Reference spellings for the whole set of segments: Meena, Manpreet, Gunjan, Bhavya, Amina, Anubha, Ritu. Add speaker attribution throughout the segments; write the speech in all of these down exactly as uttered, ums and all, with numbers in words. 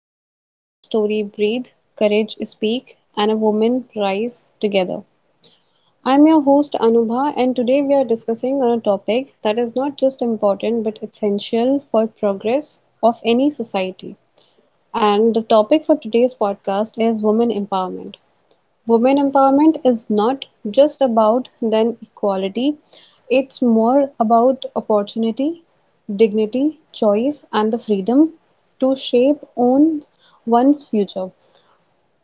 Speaker 1: space where story breathe, courage speak, and a woman rise together. I'm your host Anubha, and today we are discussing on a topic that is not just important but essential for progress of any society. And the topic for today's podcast is women empowerment. Women empowerment is not just about then equality, it's more about opportunity, dignity, choice, and the freedom to shape own one's future.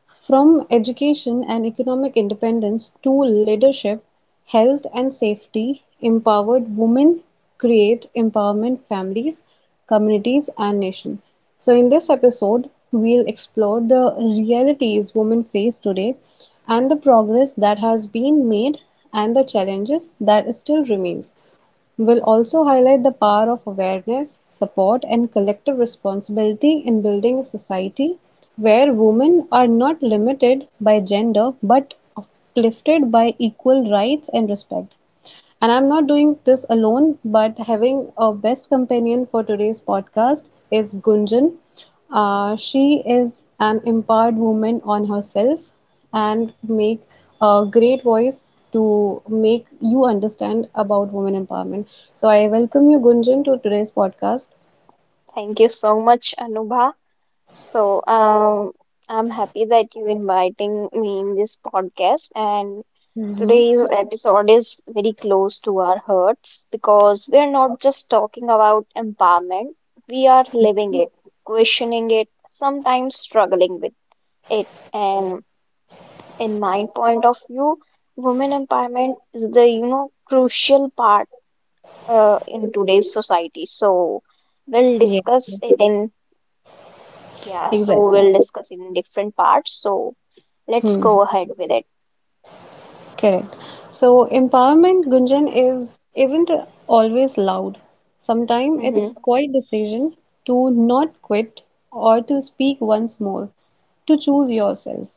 Speaker 1: From education and economic independence to leadership, health and safety, empowered women create empowerment families, communities, and nation. So, in this episode, we'll explore the realities women face today and the progress that has been made and the challenges that still remains. Will also highlight the power of awareness, support, and collective responsibility in building a society where women are not limited by gender but uplifted by equal rights and respect. And I'm not doing this alone, but having a best companion for today's podcast is Gunjan. Uh, she is an empowered woman on herself and make a great voice to make you understand about women empowerment. So I welcome you, Gunjan, to today's podcast.
Speaker 2: Thank you so much, Anubha. So, um, I'm happy that you inviting me in this podcast. And
Speaker 1: Mm-hmm.
Speaker 2: today's episode is very close to our hearts because we're not just talking about empowerment, we are living it, questioning it, sometimes struggling with it. And in my point of view, women empowerment is the, you know, crucial part uh, in today's society. So, We'll
Speaker 1: Yeah,
Speaker 2: discuss it in Yeah, so
Speaker 1: exactly.
Speaker 2: we'll discuss in different parts. So let's
Speaker 1: Hmm,
Speaker 2: go ahead with it.
Speaker 1: correct. So empowerment, Gunjan, is isn't always loud. Sometimes it's
Speaker 2: Mm-hmm.
Speaker 1: quiet decision to not quit or to speak once more, to choose yourself.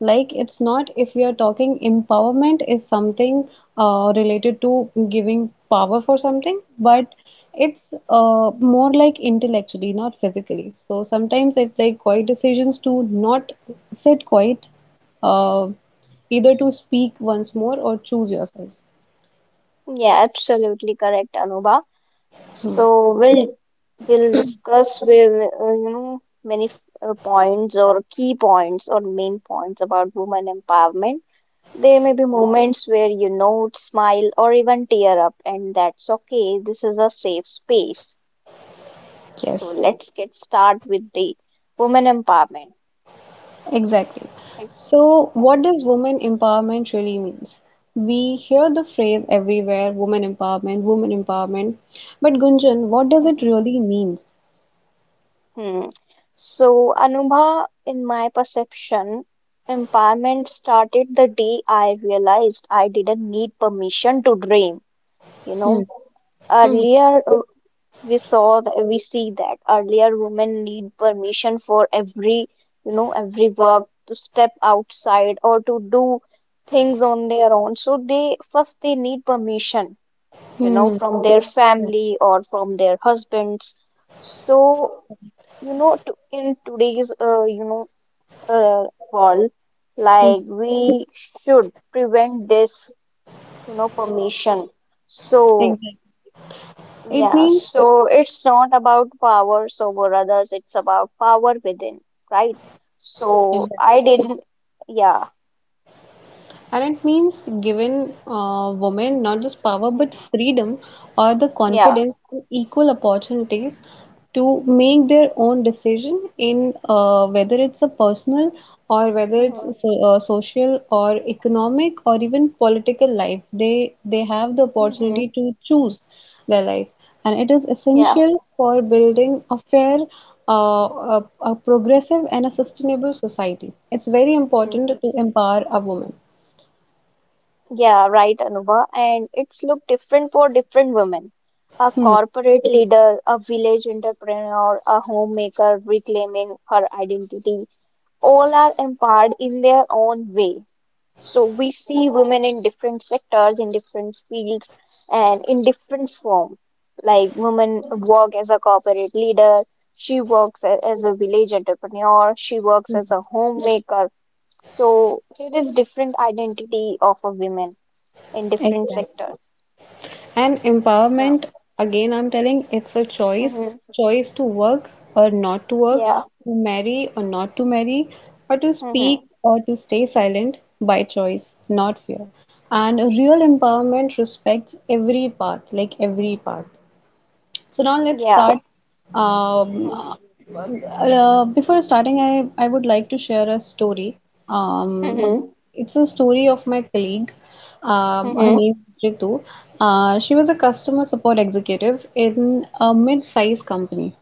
Speaker 1: Like, it's not, if we are talking empowerment is something uh, related to giving power for something, but it's uh, more like intellectually, not physically. So sometimes it's like quiet decisions to not sit quiet, uh, either to speak once more or choose yourself.
Speaker 2: Yeah, absolutely correct, Anuba. So we'll we'll discuss with uh, you know many uh, points or key points or main points about women empowerment. There may be moments where you note, smile, or even tear up, and that's okay. This is a safe space. So
Speaker 1: Yes.
Speaker 2: let's get start with the women empowerment.
Speaker 1: Exactly.
Speaker 2: Right?
Speaker 1: So,
Speaker 2: Yeah.
Speaker 1: what does women empowerment really means? We hear the phrase everywhere, women empowerment, women empowerment. But Gunjan, what does it really means?
Speaker 2: Hmm. So, Anubha, in my perception, empowerment started the day I realized I didn't need permission to dream. You
Speaker 1: Hmm.
Speaker 2: know,
Speaker 1: Hmm.
Speaker 2: Earlier uh, we saw, th- we see that earlier women need permission for every, you know, every work to step outside or to do things on their own. So they first they need permission, you know,
Speaker 1: Hmm.
Speaker 2: from their family or from their husbands. So you know to, in today's uh, you know uh, world,
Speaker 1: Hmm.
Speaker 2: like we should prevent this you know permission. So
Speaker 1: Exactly. It
Speaker 2: yeah,
Speaker 1: means,
Speaker 2: so it's not about powers over others. It's about power within, right? So I didn't. Yeah.
Speaker 1: and it means giving uh, women not just power but
Speaker 2: Hmm.
Speaker 1: freedom or the
Speaker 2: Yeah.
Speaker 1: confidence and equal opportunities to make their own decision in, uh, whether it's a personal or whether it's so, uh, social or economic or even political life, they they have the
Speaker 2: Hmm.
Speaker 1: opportunity to choose their life, and it is
Speaker 2: Hmm.
Speaker 1: essential for building a fair, uh, a, a progressive and a sustainable society. It's very important to empower a woman.
Speaker 2: Yeah, right, Anuba. And it's look different for different women. A
Speaker 1: Hmm,
Speaker 2: corporate leader, a village entrepreneur, a homemaker reclaiming her identity, all are empowered in their own way. So we see women in different sectors, in different fields, and in different form. Like women work as a corporate leader, she works a- as a village entrepreneur, she works as a homemaker. So it is different identity of a woman in different
Speaker 1: exactly.
Speaker 2: sectors.
Speaker 1: And
Speaker 2: Yeah.
Speaker 1: empowerment, again, I'm telling, it's a choice,
Speaker 2: Mm-hmm.
Speaker 1: choice to work or not to work,
Speaker 2: Yeah.
Speaker 1: to marry or not to marry, or to
Speaker 2: Mm-hmm.
Speaker 1: speak or to stay silent by choice, not fear. And a real empowerment respects every path, like every path. So now let's
Speaker 2: Yeah.
Speaker 1: start. Um, uh,
Speaker 2: Mm-hmm.
Speaker 1: uh, Before starting, I, I would like to share a story. Um,
Speaker 2: Mm-hmm.
Speaker 1: it's a story of my colleague. Um, her
Speaker 2: Mm-hmm.
Speaker 1: name is Ritu. Uh, she was a customer support executive in a mid-sized company.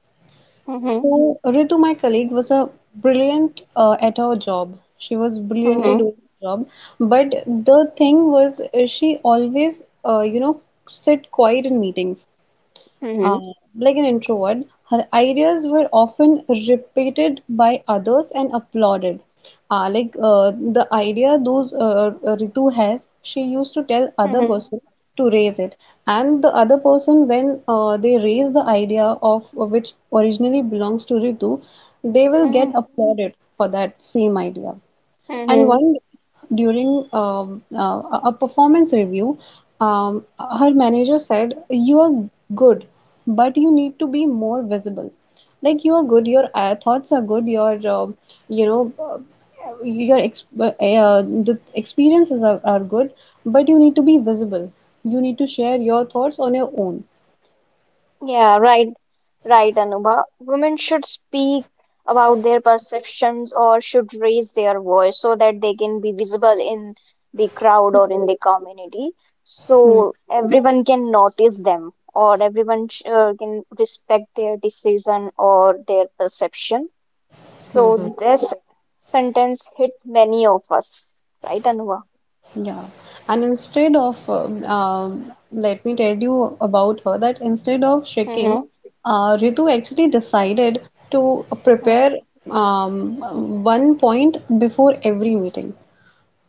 Speaker 2: Mm-hmm.
Speaker 1: So Ritu, my colleague, was a brilliant uh, at her job. She was brilliantly
Speaker 2: Mm-hmm.
Speaker 1: doing her job, but the thing was, uh, she always, uh, you know, sit quiet in meetings, uh, like an introvert, her ideas were often repeated by others and applauded. Uh, like, uh, the idea those uh, Ritu has, she used to tell other
Speaker 2: Mm-hmm.
Speaker 1: person to raise it, and the other person when uh, they raise the idea of which originally belongs to Ritu, they will get
Speaker 2: Mm-hmm.
Speaker 1: applauded for that same idea. And
Speaker 2: Mm-hmm.
Speaker 1: one during um, uh, a a performance review, um, her manager said, "You are good, but you need to be more visible. Like you are good, your uh, thoughts are good, your uh, you know uh, your ex uh, the experiences are, are good, but you need to be visible. You need to share your thoughts on your own."
Speaker 2: Yeah, right. Right, Anubha. Women should speak about their perceptions or should raise their voice so that they can be visible in the crowd or in the community.
Speaker 1: Hmm.
Speaker 2: So everyone can notice them or everyone sh- uh, can respect their decision or their perception. So this sentence hit many of us, right, Anuva?
Speaker 1: Yeah, and instead of, um, um, let me tell you about her that instead of shrinking,
Speaker 2: Mm-hmm.
Speaker 1: uh, Ritu actually decided to prepare, um, one point before every meeting.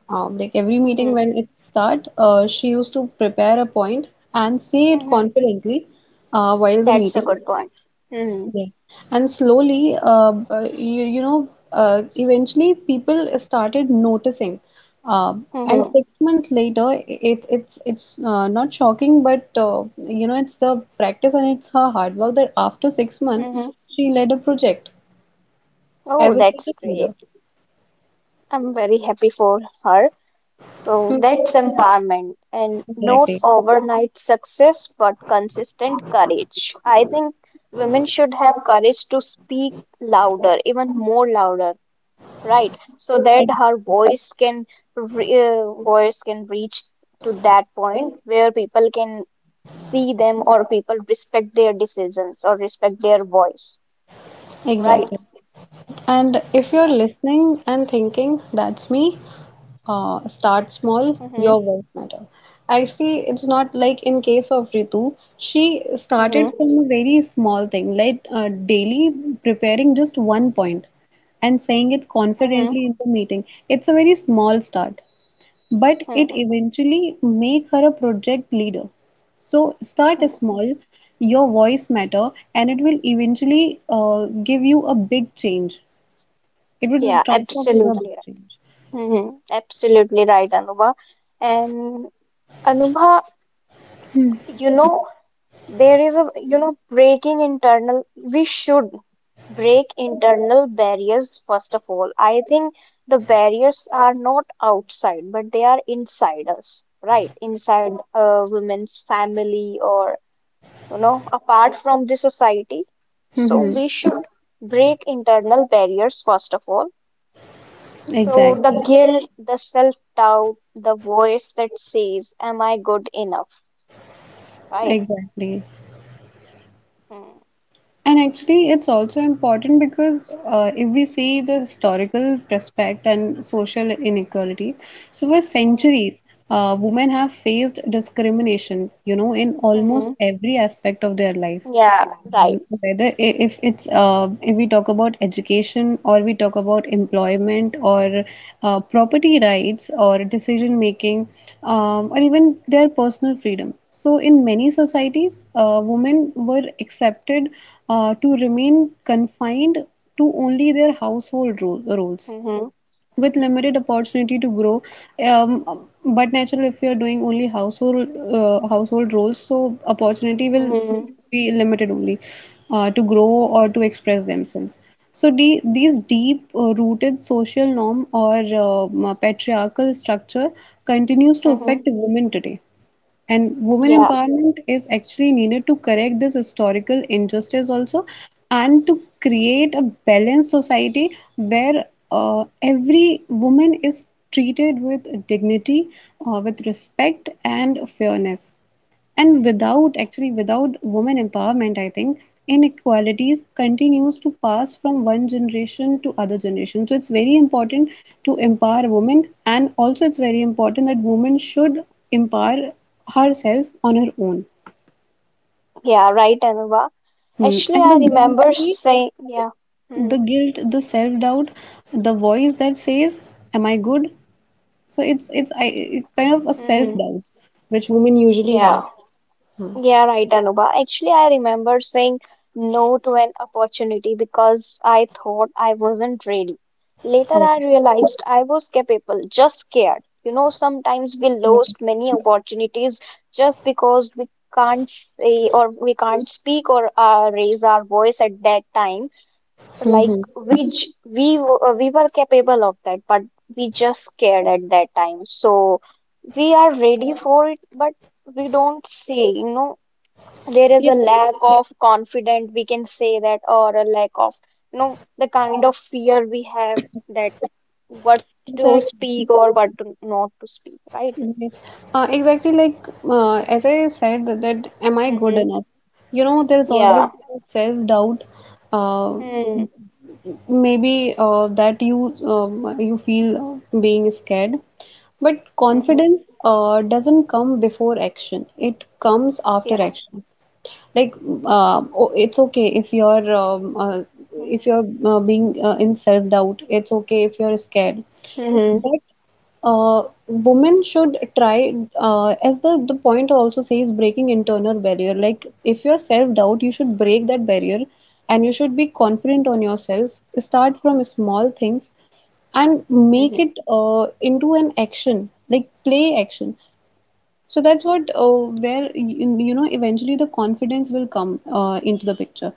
Speaker 1: Um, like every meeting
Speaker 2: Mm-hmm.
Speaker 1: when it start, uh, she used to prepare a point and say it
Speaker 2: Mm-hmm.
Speaker 1: confidently uh, while the
Speaker 2: That's a
Speaker 1: meeting.
Speaker 2: good point. Hmm.
Speaker 1: Yes. And slowly, uh, uh, you, you know, uh, eventually people started noticing. Um and
Speaker 2: Mm-hmm.
Speaker 1: six months later, i- it's it's it's uh, not shocking, but uh, you know, it's the practice and it's her hard work that after six months,
Speaker 2: Mm-hmm.
Speaker 1: she led a project
Speaker 2: Oh,
Speaker 1: as a
Speaker 2: that's
Speaker 1: project leader.
Speaker 2: great. I'm very happy for her. So
Speaker 1: Hmm,
Speaker 2: that's empowerment and not
Speaker 1: exactly.
Speaker 2: overnight success, but consistent courage. I think women should have courage to speak louder, even more louder. Right? So that
Speaker 1: Ex-
Speaker 2: her voice can re- uh, voice can reach to that point where people can see them or people respect their decisions or respect their voice, right?
Speaker 1: Exactly. And if you're
Speaker 2: Yeah.
Speaker 1: listening and thinking, that's me, uh, start small,
Speaker 2: Mm-hmm.
Speaker 1: your words matter. Actually, it's not like in case of Ritu, she started
Speaker 2: Mm-hmm.
Speaker 1: from a very small thing, like uh, daily preparing just one point and saying it
Speaker 2: Mm-hmm.
Speaker 1: confidently in the meeting. It's a very small start, but it
Speaker 2: Mm-hmm.
Speaker 1: eventually make her a project leader. So start small, your voice matter, and it will eventually uh, give you a big change. It will
Speaker 2: Yeah,
Speaker 1: transform into a
Speaker 2: absolutely
Speaker 1: book
Speaker 2: right.
Speaker 1: change.
Speaker 2: Hmm. Absolutely right, Anubha. And Anubha, you know, there is a you know breaking internal. We should break internal barriers first of all. I think the barriers are not outside, but they are inside us, right? Inside a women's family or, you know, apart from the society. So
Speaker 1: Mm-hmm.
Speaker 2: we should break internal barriers first of all. So the
Speaker 1: Exactly.
Speaker 2: guilt, the self doubt, the voice that says am I good enough, right?
Speaker 1: Exactly.
Speaker 2: Hmm.
Speaker 1: And actually, it's also important because, uh, if we see the historical prospect and social inequality, so for
Speaker 2: Hmm.
Speaker 1: centuries, uh, women have faced discrimination, you know, in
Speaker 2: Hmm.
Speaker 1: almost every aspect of their life.
Speaker 2: Yeah, right.
Speaker 1: Um, Whether i- if it's uh, if we talk about education, or we talk about employment, or uh, property rights, or decision making, um, or even their personal freedom. So in many societies, uh, women were accepted uh, to remain confined to only their household ro roles
Speaker 2: Mm-hmm.
Speaker 1: with limited opportunity to grow, um, but naturally if you're doing only household, uh, household roles, so opportunity will
Speaker 2: Mm-hmm.
Speaker 1: be limited only uh, to grow or to express themselves. So de- these deep uh, rooted social norm or um, patriarchal structure continues to
Speaker 2: Mm-hmm.
Speaker 1: affect women today, and women
Speaker 2: Yeah,
Speaker 1: empowerment is actually needed to correct this historical injustice also, and to create a balanced society where uh, every woman is treated with dignity, uh, with respect, and fairness. And without, actually, without women empowerment, I think, inequalities continues to pass from one generation to other generation. So it's very important to empower women, and also it's very important that women should empower herself on her own.
Speaker 2: yeah, right, Anuva.
Speaker 1: Hmm.
Speaker 2: Actually,
Speaker 1: And
Speaker 2: I
Speaker 1: the
Speaker 2: remember
Speaker 1: guilt,
Speaker 2: saying, yeah.
Speaker 1: the
Speaker 2: Mm-hmm.
Speaker 1: guilt the self-doubt, the voice that says, am I good? So it's it's i it's kind of a
Speaker 2: Mm-hmm.
Speaker 1: self-doubt which women usually have.
Speaker 2: Yeah, yeah, right, Anuva. Actually, I remember saying no to an opportunity because I thought I wasn't ready. Later,
Speaker 1: Oh,
Speaker 2: I realized I was capable, just scared. You know, sometimes we
Speaker 1: yeah.
Speaker 2: lost many opportunities just because we can't say or we can't speak or uh, raise our voice at that time, like
Speaker 1: Hmm,
Speaker 2: which we w- uh, we were capable of that, but we just scared at that time. So we are ready for it, but we don't say, you know, there is
Speaker 1: yeah,
Speaker 2: a lack of confidence, we can say that, or a lack of, you know, the kind of fear we have that what to
Speaker 1: exactly.
Speaker 2: speak or what to not to speak, right?
Speaker 1: Yes, uh, exactly, like, uh, as I said that, that am I good enough?
Speaker 2: Mm-hmm.
Speaker 1: You know, there's always
Speaker 2: Yeah.
Speaker 1: self-doubt. Uh,
Speaker 2: Mm-hmm.
Speaker 1: Maybe uh, that you um, you feel uh, being scared, but
Speaker 2: Mm-hmm.
Speaker 1: confidence uh, doesn't come before action. It comes after
Speaker 2: Yeah.
Speaker 1: action. Like uh, oh, it's okay if you're um, uh, if
Speaker 2: Mm-hmm.
Speaker 1: you're uh, being uh, in self-doubt. It's okay if you're scared. Uh, women should try, uh, as the the point also says, breaking internal barrier. Like, if you're self-doubt, you should break that barrier, and you should be confident on yourself. Start from small things and make
Speaker 2: Mm-hmm.
Speaker 1: it uh, into an action, like play action. So that's what, uh, where you, you know eventually the confidence will come uh, into the picture,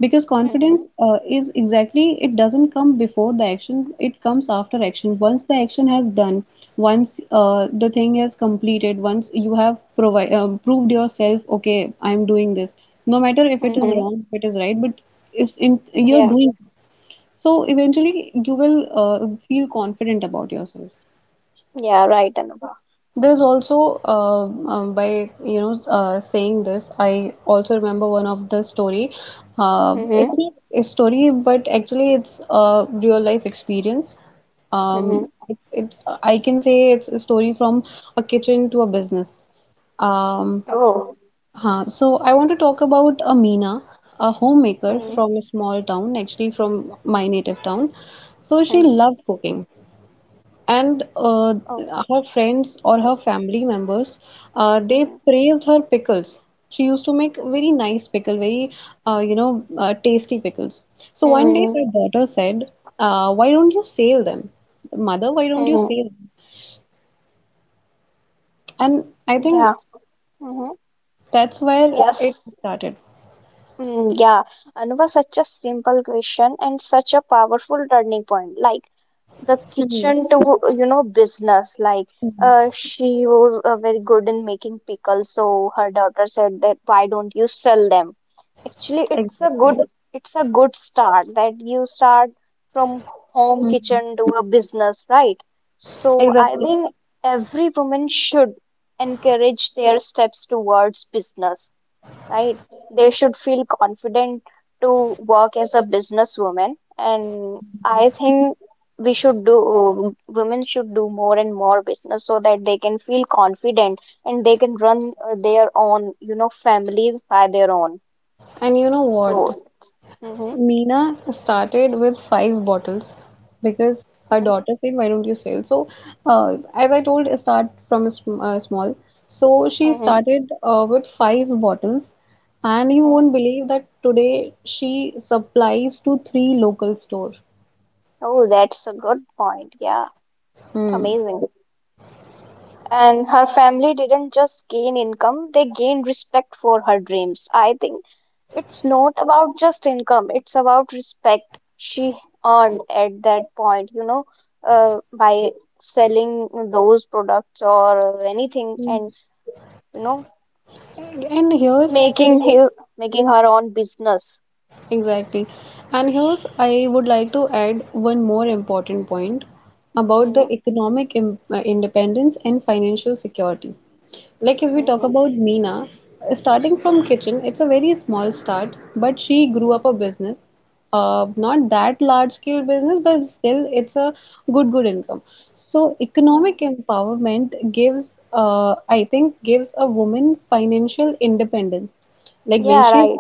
Speaker 1: because confidence,
Speaker 2: Mm-hmm.
Speaker 1: uh, is, exactly, it doesn't come before the action, it comes after action, once the action has done. Once uh, the thing has completed, once you have provi- uh, proved yourself, okay, I'm doing this, no matter if it is
Speaker 2: Mm-hmm.
Speaker 1: wrong, if it is right, but is in you're
Speaker 2: Yeah.
Speaker 1: doing this. So eventually you will uh, feel confident about yourself.
Speaker 2: Yeah, right, Anubhav.
Speaker 1: There's also uh, um, by, you know uh, saying this, I also remember one of the story. Uh,
Speaker 2: Mm-hmm.
Speaker 1: it's not a story, but actually it's a real life experience.
Speaker 2: Mm-hmm.
Speaker 1: Um, it's it's I can say it's a story from a kitchen to a business. Um,
Speaker 2: Oh.
Speaker 1: huh. So I want to talk about Amina, a homemaker
Speaker 2: Mm-hmm.
Speaker 1: from a small town, actually from my native town. So she
Speaker 2: Mm-hmm.
Speaker 1: loved cooking. And, uh,
Speaker 2: Oh.
Speaker 1: her friends or her family members, uh, they
Speaker 2: Mm-hmm.
Speaker 1: praised her pickles. She used to make very nice pickle, very, uh, you know uh, tasty pickles. So one day
Speaker 2: Mm-hmm.
Speaker 1: her daughter said, uh, "Why don't you sell them, mother? Why don't you
Speaker 2: Mm-hmm.
Speaker 1: sell them?" And I think
Speaker 2: Yeah. Mm-hmm.
Speaker 1: that's where it
Speaker 2: Yes.
Speaker 1: started.
Speaker 2: Mm, yeah. Anuva, such a simple question and such a powerful turning point. Like the
Speaker 1: Mhm.
Speaker 2: kitchen to, you know, business. Like uh,
Speaker 1: Mhm.
Speaker 2: she was uh, very good in making pickles, so her daughter said that why don't you sell them. Actually, it's a good,
Speaker 1: Exactly.
Speaker 2: it's a good start that you start from home
Speaker 1: Mhm.
Speaker 2: kitchen to a business, right? So I
Speaker 1: Exactly.
Speaker 2: think every woman should encourage their steps towards business, right? They should feel confident to work as a businesswoman. And I think we should do, women should do more and more business so that they can feel confident and they can run uh, their own, you know, families by their own.
Speaker 1: And you know what?
Speaker 2: So, hmm.
Speaker 1: Meena started with five bottles, because her daughter said, "Why don't you sell?" So, uh, as I told, start from a sm uh, small. So she
Speaker 2: Hmm. Hmm.
Speaker 1: started uh, with five bottles, and you won't believe that today she supplies to three local store.
Speaker 2: Oh, that's a good point. Yeah,
Speaker 1: Hmm.
Speaker 2: amazing. And her family didn't just gain income, they gained respect for her dreams. I think it's not about just income, it's about respect she earned at that point, you know, uh, by selling those products or anything and, you know,
Speaker 1: And here's,
Speaker 2: making his making her own business.
Speaker 1: exactly, and here's, I would like to add one more important point about the
Speaker 2: Hmm,
Speaker 1: economic im- uh, independence and financial security. Like if we
Speaker 2: hmm,
Speaker 1: talk about
Speaker 2: hmm.
Speaker 1: Meena, starting from kitchen, it's a very small start, but she grew up a business. Uh, not that large scale business, but still it's a good good income. So economic
Speaker 2: Hmm.
Speaker 1: empowerment gives, uh, I think, gives a woman financial independence. Like when
Speaker 2: Yeah,
Speaker 1: she
Speaker 2: right.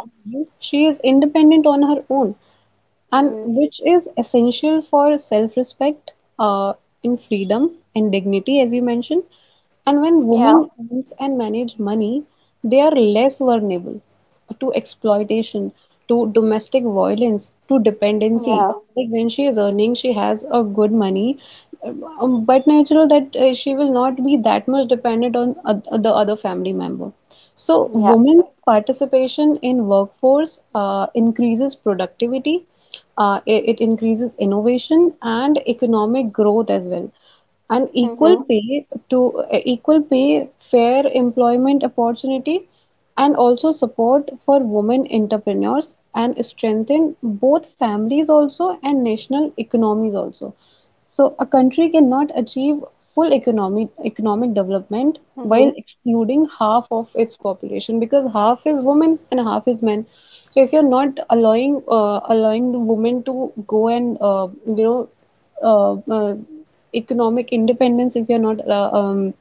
Speaker 1: she is independent on her own and
Speaker 2: Hmm,
Speaker 1: which is essential for self-respect uh, in freedom and dignity as you mentioned, and when
Speaker 2: yeah,
Speaker 1: women earns and manage money, they are less vulnerable to exploitation, to domestic violence, to dependency.
Speaker 2: yeah,
Speaker 1: Like when she is earning she has a good money, um, but natural that uh, she will not be that much dependent on oth- the other family member. So
Speaker 2: yeah,
Speaker 1: women's
Speaker 2: right.
Speaker 1: participation in workforce uh, increases productivity, uh, it, it increases innovation and economic growth as well. And equal
Speaker 2: Mm-hmm,
Speaker 1: pay to uh, equal pay, fair employment opportunity, and also support for women entrepreneurs, and strengthen both families also and national economies also. So a country cannot achieve full economic economic development
Speaker 2: mm-hmm,
Speaker 1: while excluding half of its population, because half is women and half is men. So if you're not allowing uh, allowing the women to go and uh, you know uh, uh, economic independence, if you're not uh, um,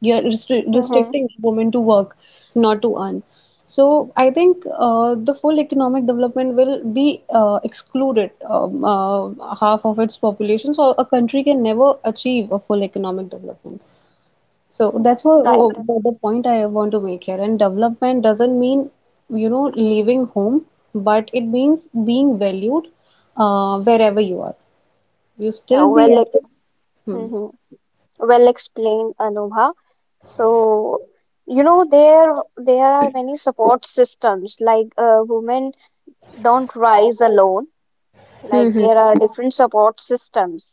Speaker 1: you're restri-
Speaker 2: mm-hmm,
Speaker 1: restricting women to work, not to earn. So I think uh, the full economic development will be uh, excluded um, uh, half of its population, so a country can never achieve a full economic development. So
Speaker 2: yeah,
Speaker 1: that's what,
Speaker 2: right.
Speaker 1: what what the point I want to make here. And development doesn't mean, you know, leaving home, but it means being valued uh, wherever you are. You
Speaker 2: Yeah,
Speaker 1: still be at.
Speaker 2: well, hmm.
Speaker 1: Hmm.
Speaker 2: Hmm. Well explained, Anubha. So, you know, there there are many support systems. Like uh, women don't rise alone.
Speaker 1: Hmm,
Speaker 2: Like there
Speaker 1: hmm.
Speaker 2: are different support systems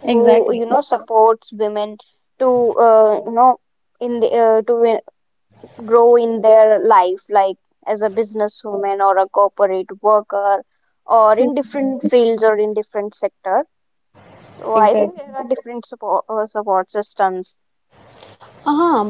Speaker 2: who, you
Speaker 1: Exactly.
Speaker 2: know, supports women to uh, you know in the, uh, to uh, grow in their life, like as a businesswoman or a corporate worker or in
Speaker 1: Hmm.
Speaker 2: different fields or in different sector. So I think
Speaker 1: Exactly.
Speaker 2: there are different support uh, support systems.
Speaker 1: Uh-huh.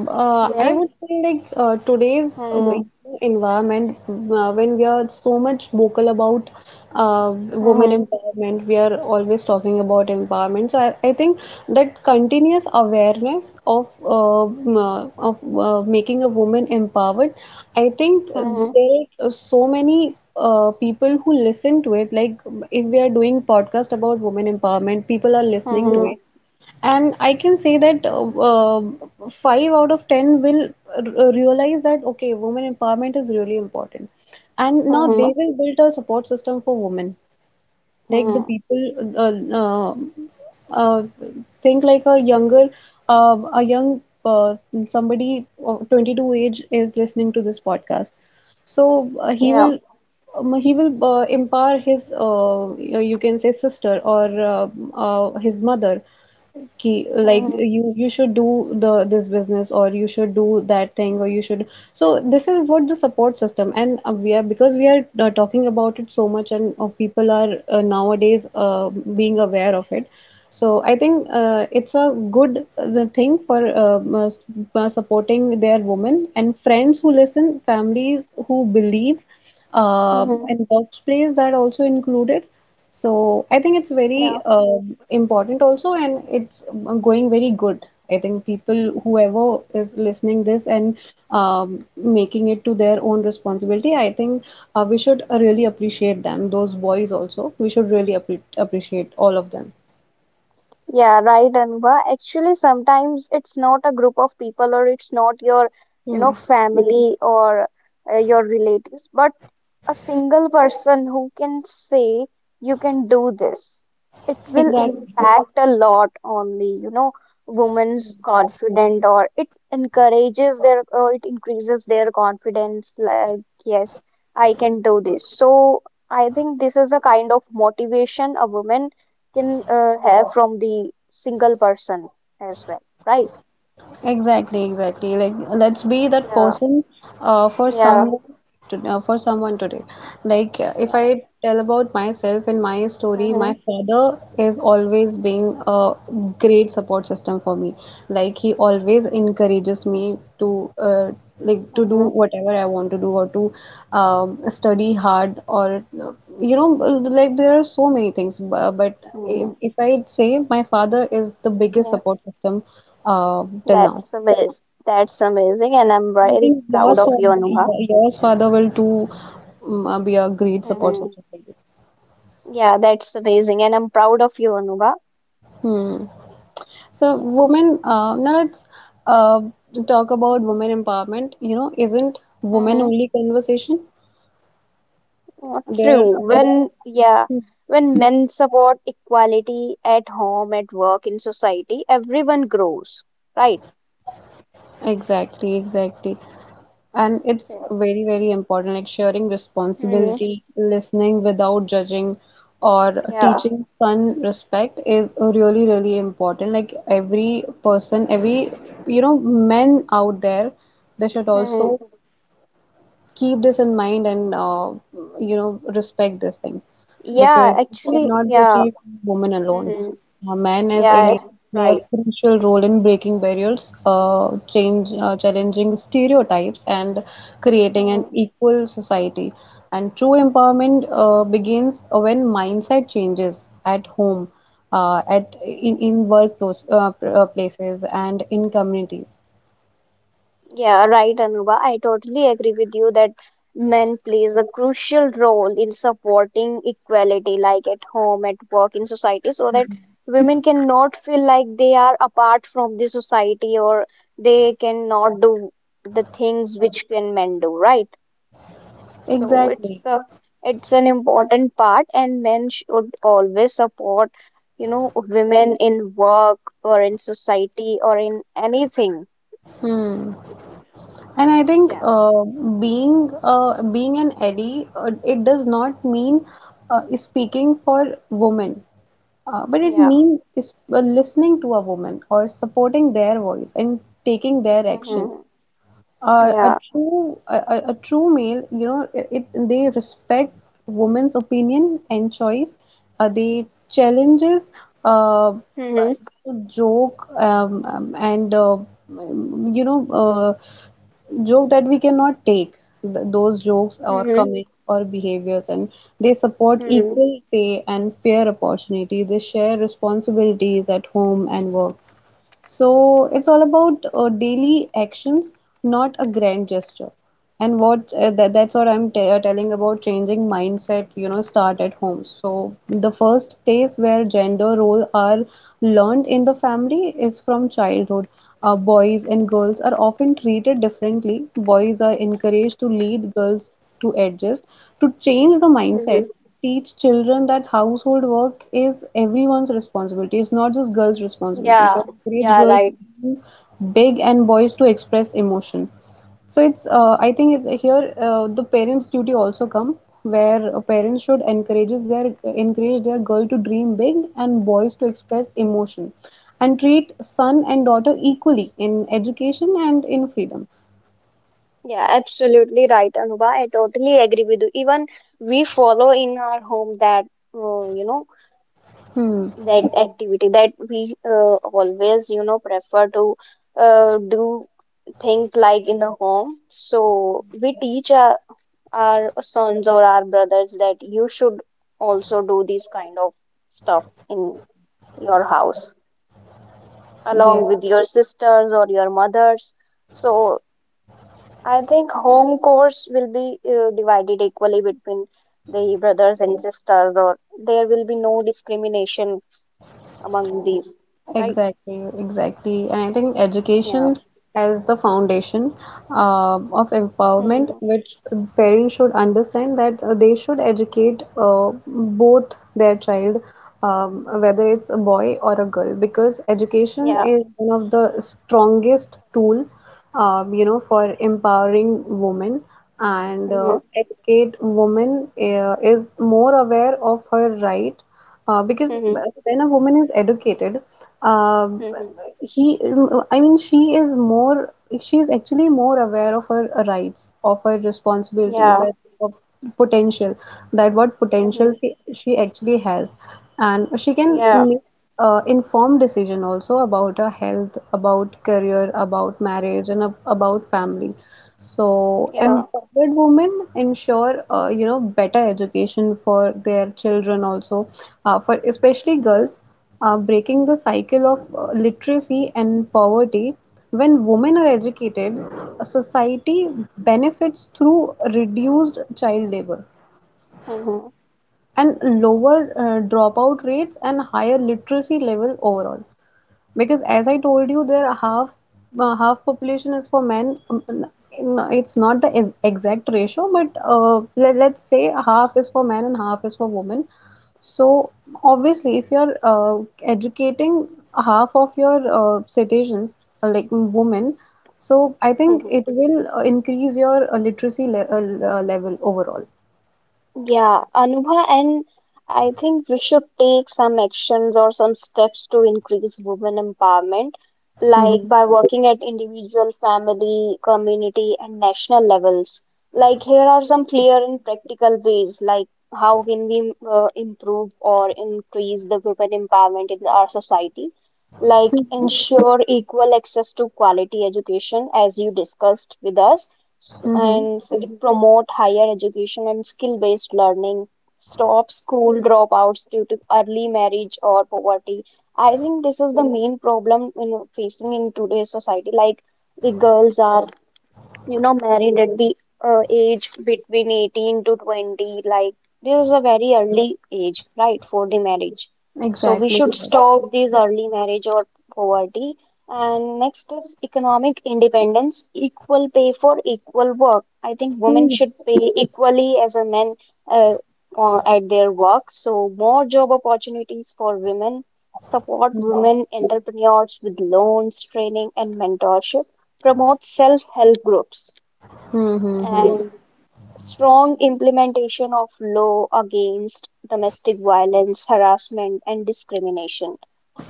Speaker 2: You
Speaker 1: Uh, I
Speaker 2: know,
Speaker 1: would say like uh, today's uh,
Speaker 2: mhm.
Speaker 1: big environment uh, when we are so much vocal about uh, women
Speaker 2: Mhm.
Speaker 1: empowerment. We are always talking about empowerment. So I, I think that continuous awareness of uh, m- uh, of uh, making a woman empowered, I think
Speaker 2: Mhm.
Speaker 1: there are so many uh, people who listen to it. Like if we are doing podcast about women empowerment, people are listening to
Speaker 2: Mhm.
Speaker 1: it, and I can say that uh, uh, five out of ten will r- realize that okay, women empowerment is really important, and now they
Speaker 2: Mhm.
Speaker 1: will build a support system for women. Like the
Speaker 2: Mhm.
Speaker 1: people uh, uh, uh, think like a younger, uh, a young uh, somebody of twenty two age is listening to this podcast, so uh, he
Speaker 2: Yeah.
Speaker 1: will um, he will uh, empower his uh, you can say sister or uh, uh, his mother, ki, like
Speaker 2: Mhm.
Speaker 1: you you should do the this business, or you should do that thing, or you should so this is what the support system. And uh, we are because we are uh, talking about it so much, and uh, people are uh, nowadays uh, being aware of it. So I think uh, it's a good uh, the thing for um, uh, s- uh, supporting their women, and friends who listen, families who believe, uh,
Speaker 2: Mhm.
Speaker 1: and workplace that also included. So I think it's
Speaker 2: Yeah.
Speaker 1: very uh, important also, and it's going very good. I think people, whoever is listening this, and um, making it to their own responsibility, I think uh, we should uh, really appreciate them. Those boys also, we should really appre appreciate all of them.
Speaker 2: Yeah, right, Anba. Actually, sometimes it's not a group of people or it's not your, you know,
Speaker 1: Hmm.
Speaker 2: family or uh, your relatives, but a single person who can say you can do this. It will
Speaker 1: Exactly.
Speaker 2: impact a lot on the, you know, women's confident, or it encourages their, or it increases their confidence, like yes, I can do this. So I think this is a kind of motivation a woman can uh, have from the single person as well, right?
Speaker 1: Exactly, exactly. Like, let's be that
Speaker 2: Yeah.
Speaker 1: person uh, for
Speaker 2: Yeah.
Speaker 1: someone to, uh, for someone today. Like, uh, if
Speaker 2: Yeah. Right.
Speaker 1: I tell about myself and my story,
Speaker 2: Mm-hmm.
Speaker 1: my father is always being a great support system for me. Like, he always encourages me to uh, like to do
Speaker 2: Mm-hmm.
Speaker 1: whatever I want to do, or to um, study hard, or uh, you know like there are so many things, bu- but if,
Speaker 2: Mm-hmm.
Speaker 1: if I say my father is the biggest
Speaker 2: Yeah.
Speaker 1: support system uh, till now.
Speaker 2: That's amazing. That's amazing, and I'm
Speaker 1: I
Speaker 2: very
Speaker 1: think
Speaker 2: proud
Speaker 1: yours
Speaker 2: of
Speaker 1: for
Speaker 2: you, Anubha.
Speaker 1: your yours father will too um, uh, be a great support
Speaker 2: Hmm.
Speaker 1: system for you.
Speaker 2: Yeah, that's amazing, and I'm proud of you, Anubha.
Speaker 1: Hmm. So
Speaker 2: Yeah.
Speaker 1: women uh, now let's uh, talk about women empowerment. You know, isn't
Speaker 2: Mm-hmm.
Speaker 1: women
Speaker 2: Mm-hmm.
Speaker 1: only conversation? There are.
Speaker 2: True. When, yeah,
Speaker 1: Hmm.
Speaker 2: when men support equality at home, at work, in society, everyone grows, right?
Speaker 1: Exactly, exactly. And it's very, very important, like sharing
Speaker 2: Hmm.
Speaker 1: responsibility, listening without judging, or
Speaker 2: Yeah.
Speaker 1: teaching son respect is really, really important. Like every person, every, you know, men out there, they should
Speaker 2: Hmm.
Speaker 1: also keep this in mind, and uh, you know respect this thing,
Speaker 2: Yeah,
Speaker 1: because it
Speaker 2: actually,
Speaker 1: cannot be
Speaker 2: yeah.
Speaker 1: achieved by women alone.
Speaker 2: Hmm.
Speaker 1: A man as a
Speaker 2: Yeah,
Speaker 1: leader play a
Speaker 2: right.
Speaker 1: crucial role in breaking barriers, uh, change uh, challenging stereotypes, and creating an
Speaker 2: Mm-hmm.
Speaker 1: equal society. And true empowerment uh, begins when mindset changes at home, uh, at, in in work pos- uh, pr- uh, places, and in communities.
Speaker 2: Yeah, right, Anuba. I totally agree with you that men plays a crucial role in supporting equality, like at home, at work, in society, so that women cannot feel like they are apart from the society or they cannot do the things which can men do, right? So
Speaker 1: Exactly.
Speaker 2: it's a, it's an important part, and men should always support, you know, women in work or in society or in anything.
Speaker 1: Hmm. And I think
Speaker 2: Yeah,
Speaker 1: uh, being uh, being an ally, uh, it does not mean uh, speaking for women, uh, but it
Speaker 2: yeah.
Speaker 1: means is, uh, listening to a woman or supporting their voice and taking their action.
Speaker 2: Hmm.
Speaker 1: Uh, a
Speaker 2: Yeah.
Speaker 1: true a, a a true male, you know, it, it- they respect women's opinion and choice. Uh, they challenges uh, uh,
Speaker 2: Hmm.
Speaker 1: joke um, um, and uh, um, you know uh, joke that we cannot take th those jokes or
Speaker 2: Hmm.
Speaker 1: comments or behaviors, and they support
Speaker 2: Hmm.
Speaker 1: equal pay and fair opportunity. They share responsibilities at home and work. So it's all about uh, daily actions, not a grand gesture. And what uh, that, that's what I'm t- uh, telling about changing mindset. You know, start at home. So the first place where gender role are learned in the family is from childhood. Uh, boys and girls are often treated differently. Boys are encouraged to lead, girls to adjust. To change the mindset,
Speaker 2: Hmm.
Speaker 1: teach children that household work is everyone's responsibility. It's not just girls' responsibility. So
Speaker 2: Yeah.
Speaker 1: encourage
Speaker 2: Yeah,
Speaker 1: girls to
Speaker 2: right.
Speaker 1: dream big and boys to express emotion. So it's uh, I think it, here uh, the parents' duty also come, where uh, parents should encourages their encourage their girl to dream big and boys to express emotion, and treat son and daughter equally in education and in freedom.
Speaker 2: Yeah, absolutely right, Anuba. I totally agree with you. Even we follow in our home that, uh, you know,
Speaker 1: Hmm.
Speaker 2: that activity that we uh, always, you know, prefer to uh, do things like in the home. So we teach our, our sons or our brothers that you should also do this kind of stuff in your house, along
Speaker 1: Yes.
Speaker 2: with your sisters or your mothers. So I think home course will be uh, divided equally between the brothers and sisters, or there will be no discrimination among these, right?
Speaker 1: Exactly, exactly. And I think
Speaker 2: Yeah.
Speaker 1: education as the foundation uh, of empowerment,
Speaker 2: Hmm.
Speaker 1: which parents should understand that uh, they should educate uh, both their child, um, whether it's a boy or a girl, because education
Speaker 2: Yeah.
Speaker 1: is one of the strongest tool, um, you know, for empowering women. And uh,
Speaker 2: Hmm.
Speaker 1: educate women uh, is more aware of her right, uh, because
Speaker 2: Hmm.
Speaker 1: when a woman is educated, uh,
Speaker 2: Hmm.
Speaker 1: he, I mean, she is more, she is actually more aware of her rights, of her responsibilities,
Speaker 2: Yeah.
Speaker 1: and of potential, that what potential
Speaker 2: Hmm.
Speaker 1: she, she actually has. And she can
Speaker 2: Yeah.
Speaker 1: make uh, informed decision also about our health, about career, about marriage, and ab- about family. So
Speaker 2: Yeah.
Speaker 1: empowered women ensure uh, you know better education for their children also, uh, for especially girls, uh, breaking the cycle of uh, literacy and poverty. When women are educated, a society benefits through reduced child labor
Speaker 2: Hmm.
Speaker 1: and lower uh, dropout rates and higher literacy level overall. Because as I told you, there are half uh, half population is for men. Um, n- It's not the ex- exact ratio, but uh, let, let's say half is for men and half is for women. So obviously, if you're uh, educating half of your uh, citizens, uh, like mm, women, so I think it
Speaker 2: Hmm.
Speaker 1: will uh, increase your uh, literacy le uh, level overall.
Speaker 2: Yeah, Anubha, and I think we should take some actions or some steps to increase women empowerment,
Speaker 1: Mm-hmm.
Speaker 2: like by working at individual, family, community, and national levels. Like, here are some clear and practical ways, like how can we uh, improve or increase the women empowerment in our society? Like, ensure equal access to quality education, as you discussed with us, s-
Speaker 1: Mm-hmm.
Speaker 2: and it promote higher education and skill based learning. Stop school dropouts due to early marriage or poverty. I think this is the main problem in facing in today's society. Like the girls are, you know, married at the uh, age between eighteen to twenty, like this is a very early age, right, for the marriage. So we
Speaker 1: Exactly.
Speaker 2: should stop this early marriage or poverty. And next is economic independence, equal pay for equal work. I think women
Speaker 1: Mm-hmm.
Speaker 2: should pay equally as a men, uh, uh, at their work. So more job opportunities for women, support women entrepreneurs with loans, training, and mentorship. Promote self-help groups
Speaker 1: Mm-hmm.
Speaker 2: and strong implementation of law against domestic violence, harassment, and discrimination,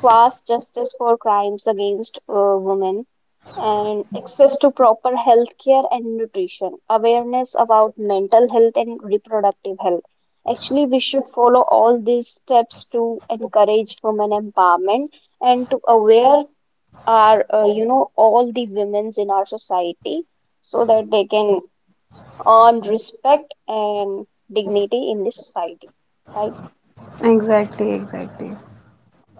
Speaker 2: fast justice for crimes against uh, women, and access to proper health care and nutrition, awareness about mental health and reproductive health. Actually, we should follow all these steps to encourage women empowerment and to aware are, uh, you know, all the women's in our society so that they can earn respect and dignity in this society, right?
Speaker 1: Exactly, exactly.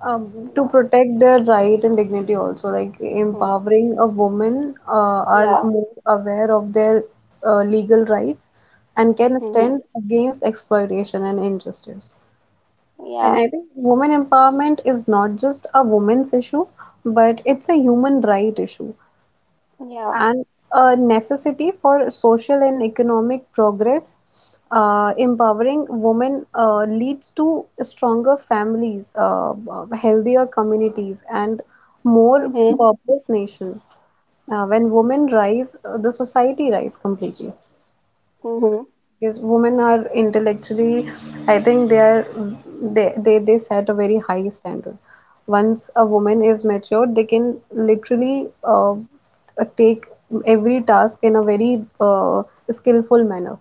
Speaker 1: um, To
Speaker 2: Yeah.
Speaker 1: protect their right and dignity also, like
Speaker 2: Hmm.
Speaker 1: empowering a woman uh, are
Speaker 2: Yeah.
Speaker 1: more aware of their uh, legal rights and can
Speaker 2: Hmm.
Speaker 1: stand against exploitation and injustice. And
Speaker 2: Yeah.
Speaker 1: I think women empowerment is not just a woman's issue, but it's a human right issue
Speaker 2: Yeah.
Speaker 1: and a necessity for social and economic progress. Uh, empowering women uh, leads to stronger families, uh, uh, healthier communities, and more
Speaker 2: Hmm.
Speaker 1: purpose nation. Uh, when women rise, uh, the society rise completely, because women are intellectually, I think they are they, they they set a very high standard. Once a woman is matured, they can literally uh, take every task in a very uh, skillful manner.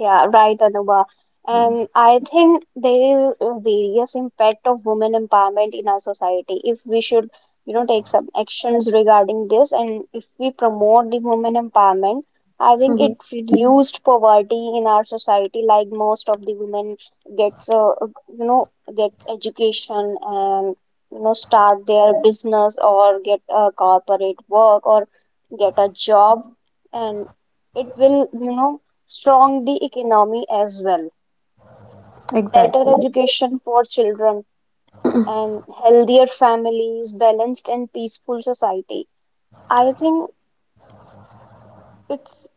Speaker 2: Yeah, right, Anuba. And I think there is a various impact of women empowerment in our society. If we should, you know, take some actions regarding this, and if we promote the women empowerment, I think it
Speaker 1: Hmm.
Speaker 2: reduced poverty in our society. Like most of the women gets, uh, you know, gets education and, you know, start their business or get a corporate work or get a job, and it will, you know, strong the economy as well. Better
Speaker 1: Exactly.
Speaker 2: education for children and healthier families, balanced and peaceful society. I think it's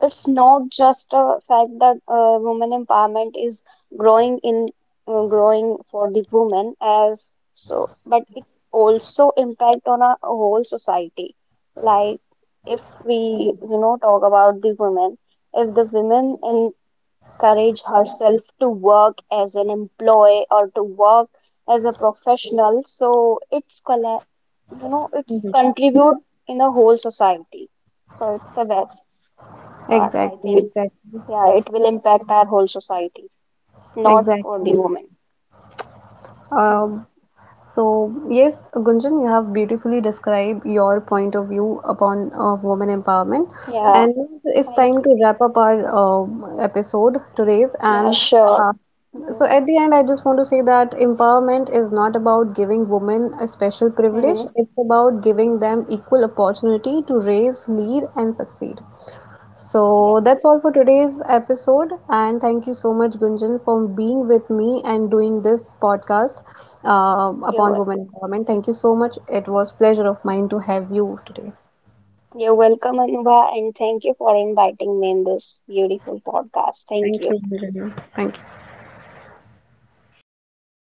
Speaker 2: it's not just a fact that uh, women empowerment is growing in uh, growing for the women as so, but it also impact on a whole society. Like if we, you know, talk about the women, if the women in courage herself to work as an employee or to work as a professional, so it's colla- you know, it's
Speaker 1: Hmm.
Speaker 2: contribute in the whole society. So it's a best part, I
Speaker 1: Exactly,
Speaker 2: think.
Speaker 1: exactly.
Speaker 2: Yeah, it will impact our whole society, not for the
Speaker 1: Exactly.
Speaker 2: women. Mm.
Speaker 1: um, So, yes, Gunjan, you have beautifully described your point of view upon uh, women empowerment.
Speaker 2: Yeah,
Speaker 1: And it's
Speaker 2: thank
Speaker 1: time
Speaker 2: you.
Speaker 1: to wrap up our uh, episode today's.
Speaker 2: Yeah,
Speaker 1: And
Speaker 2: sure.
Speaker 1: uh,
Speaker 2: Hmm.
Speaker 1: so, at the end, I just want to say that empowerment is not about giving women a special privilege,
Speaker 2: Hmm.
Speaker 1: it's about giving them equal opportunity to raise, lead, and succeed.
Speaker 2: Yeah.
Speaker 1: So that's all for today's episode, and thank you so much, Gunjan, for being with me and doing this podcast uh,
Speaker 2: You're
Speaker 1: upon
Speaker 2: welcome.
Speaker 1: women empowerment. Thank you so much. It was pleasure of mine to have you today.
Speaker 2: You're welcome, Anuva, and thank you for inviting me in this beautiful podcast. Thank
Speaker 1: Thank
Speaker 2: you.
Speaker 1: you, Gunjan. Thank you.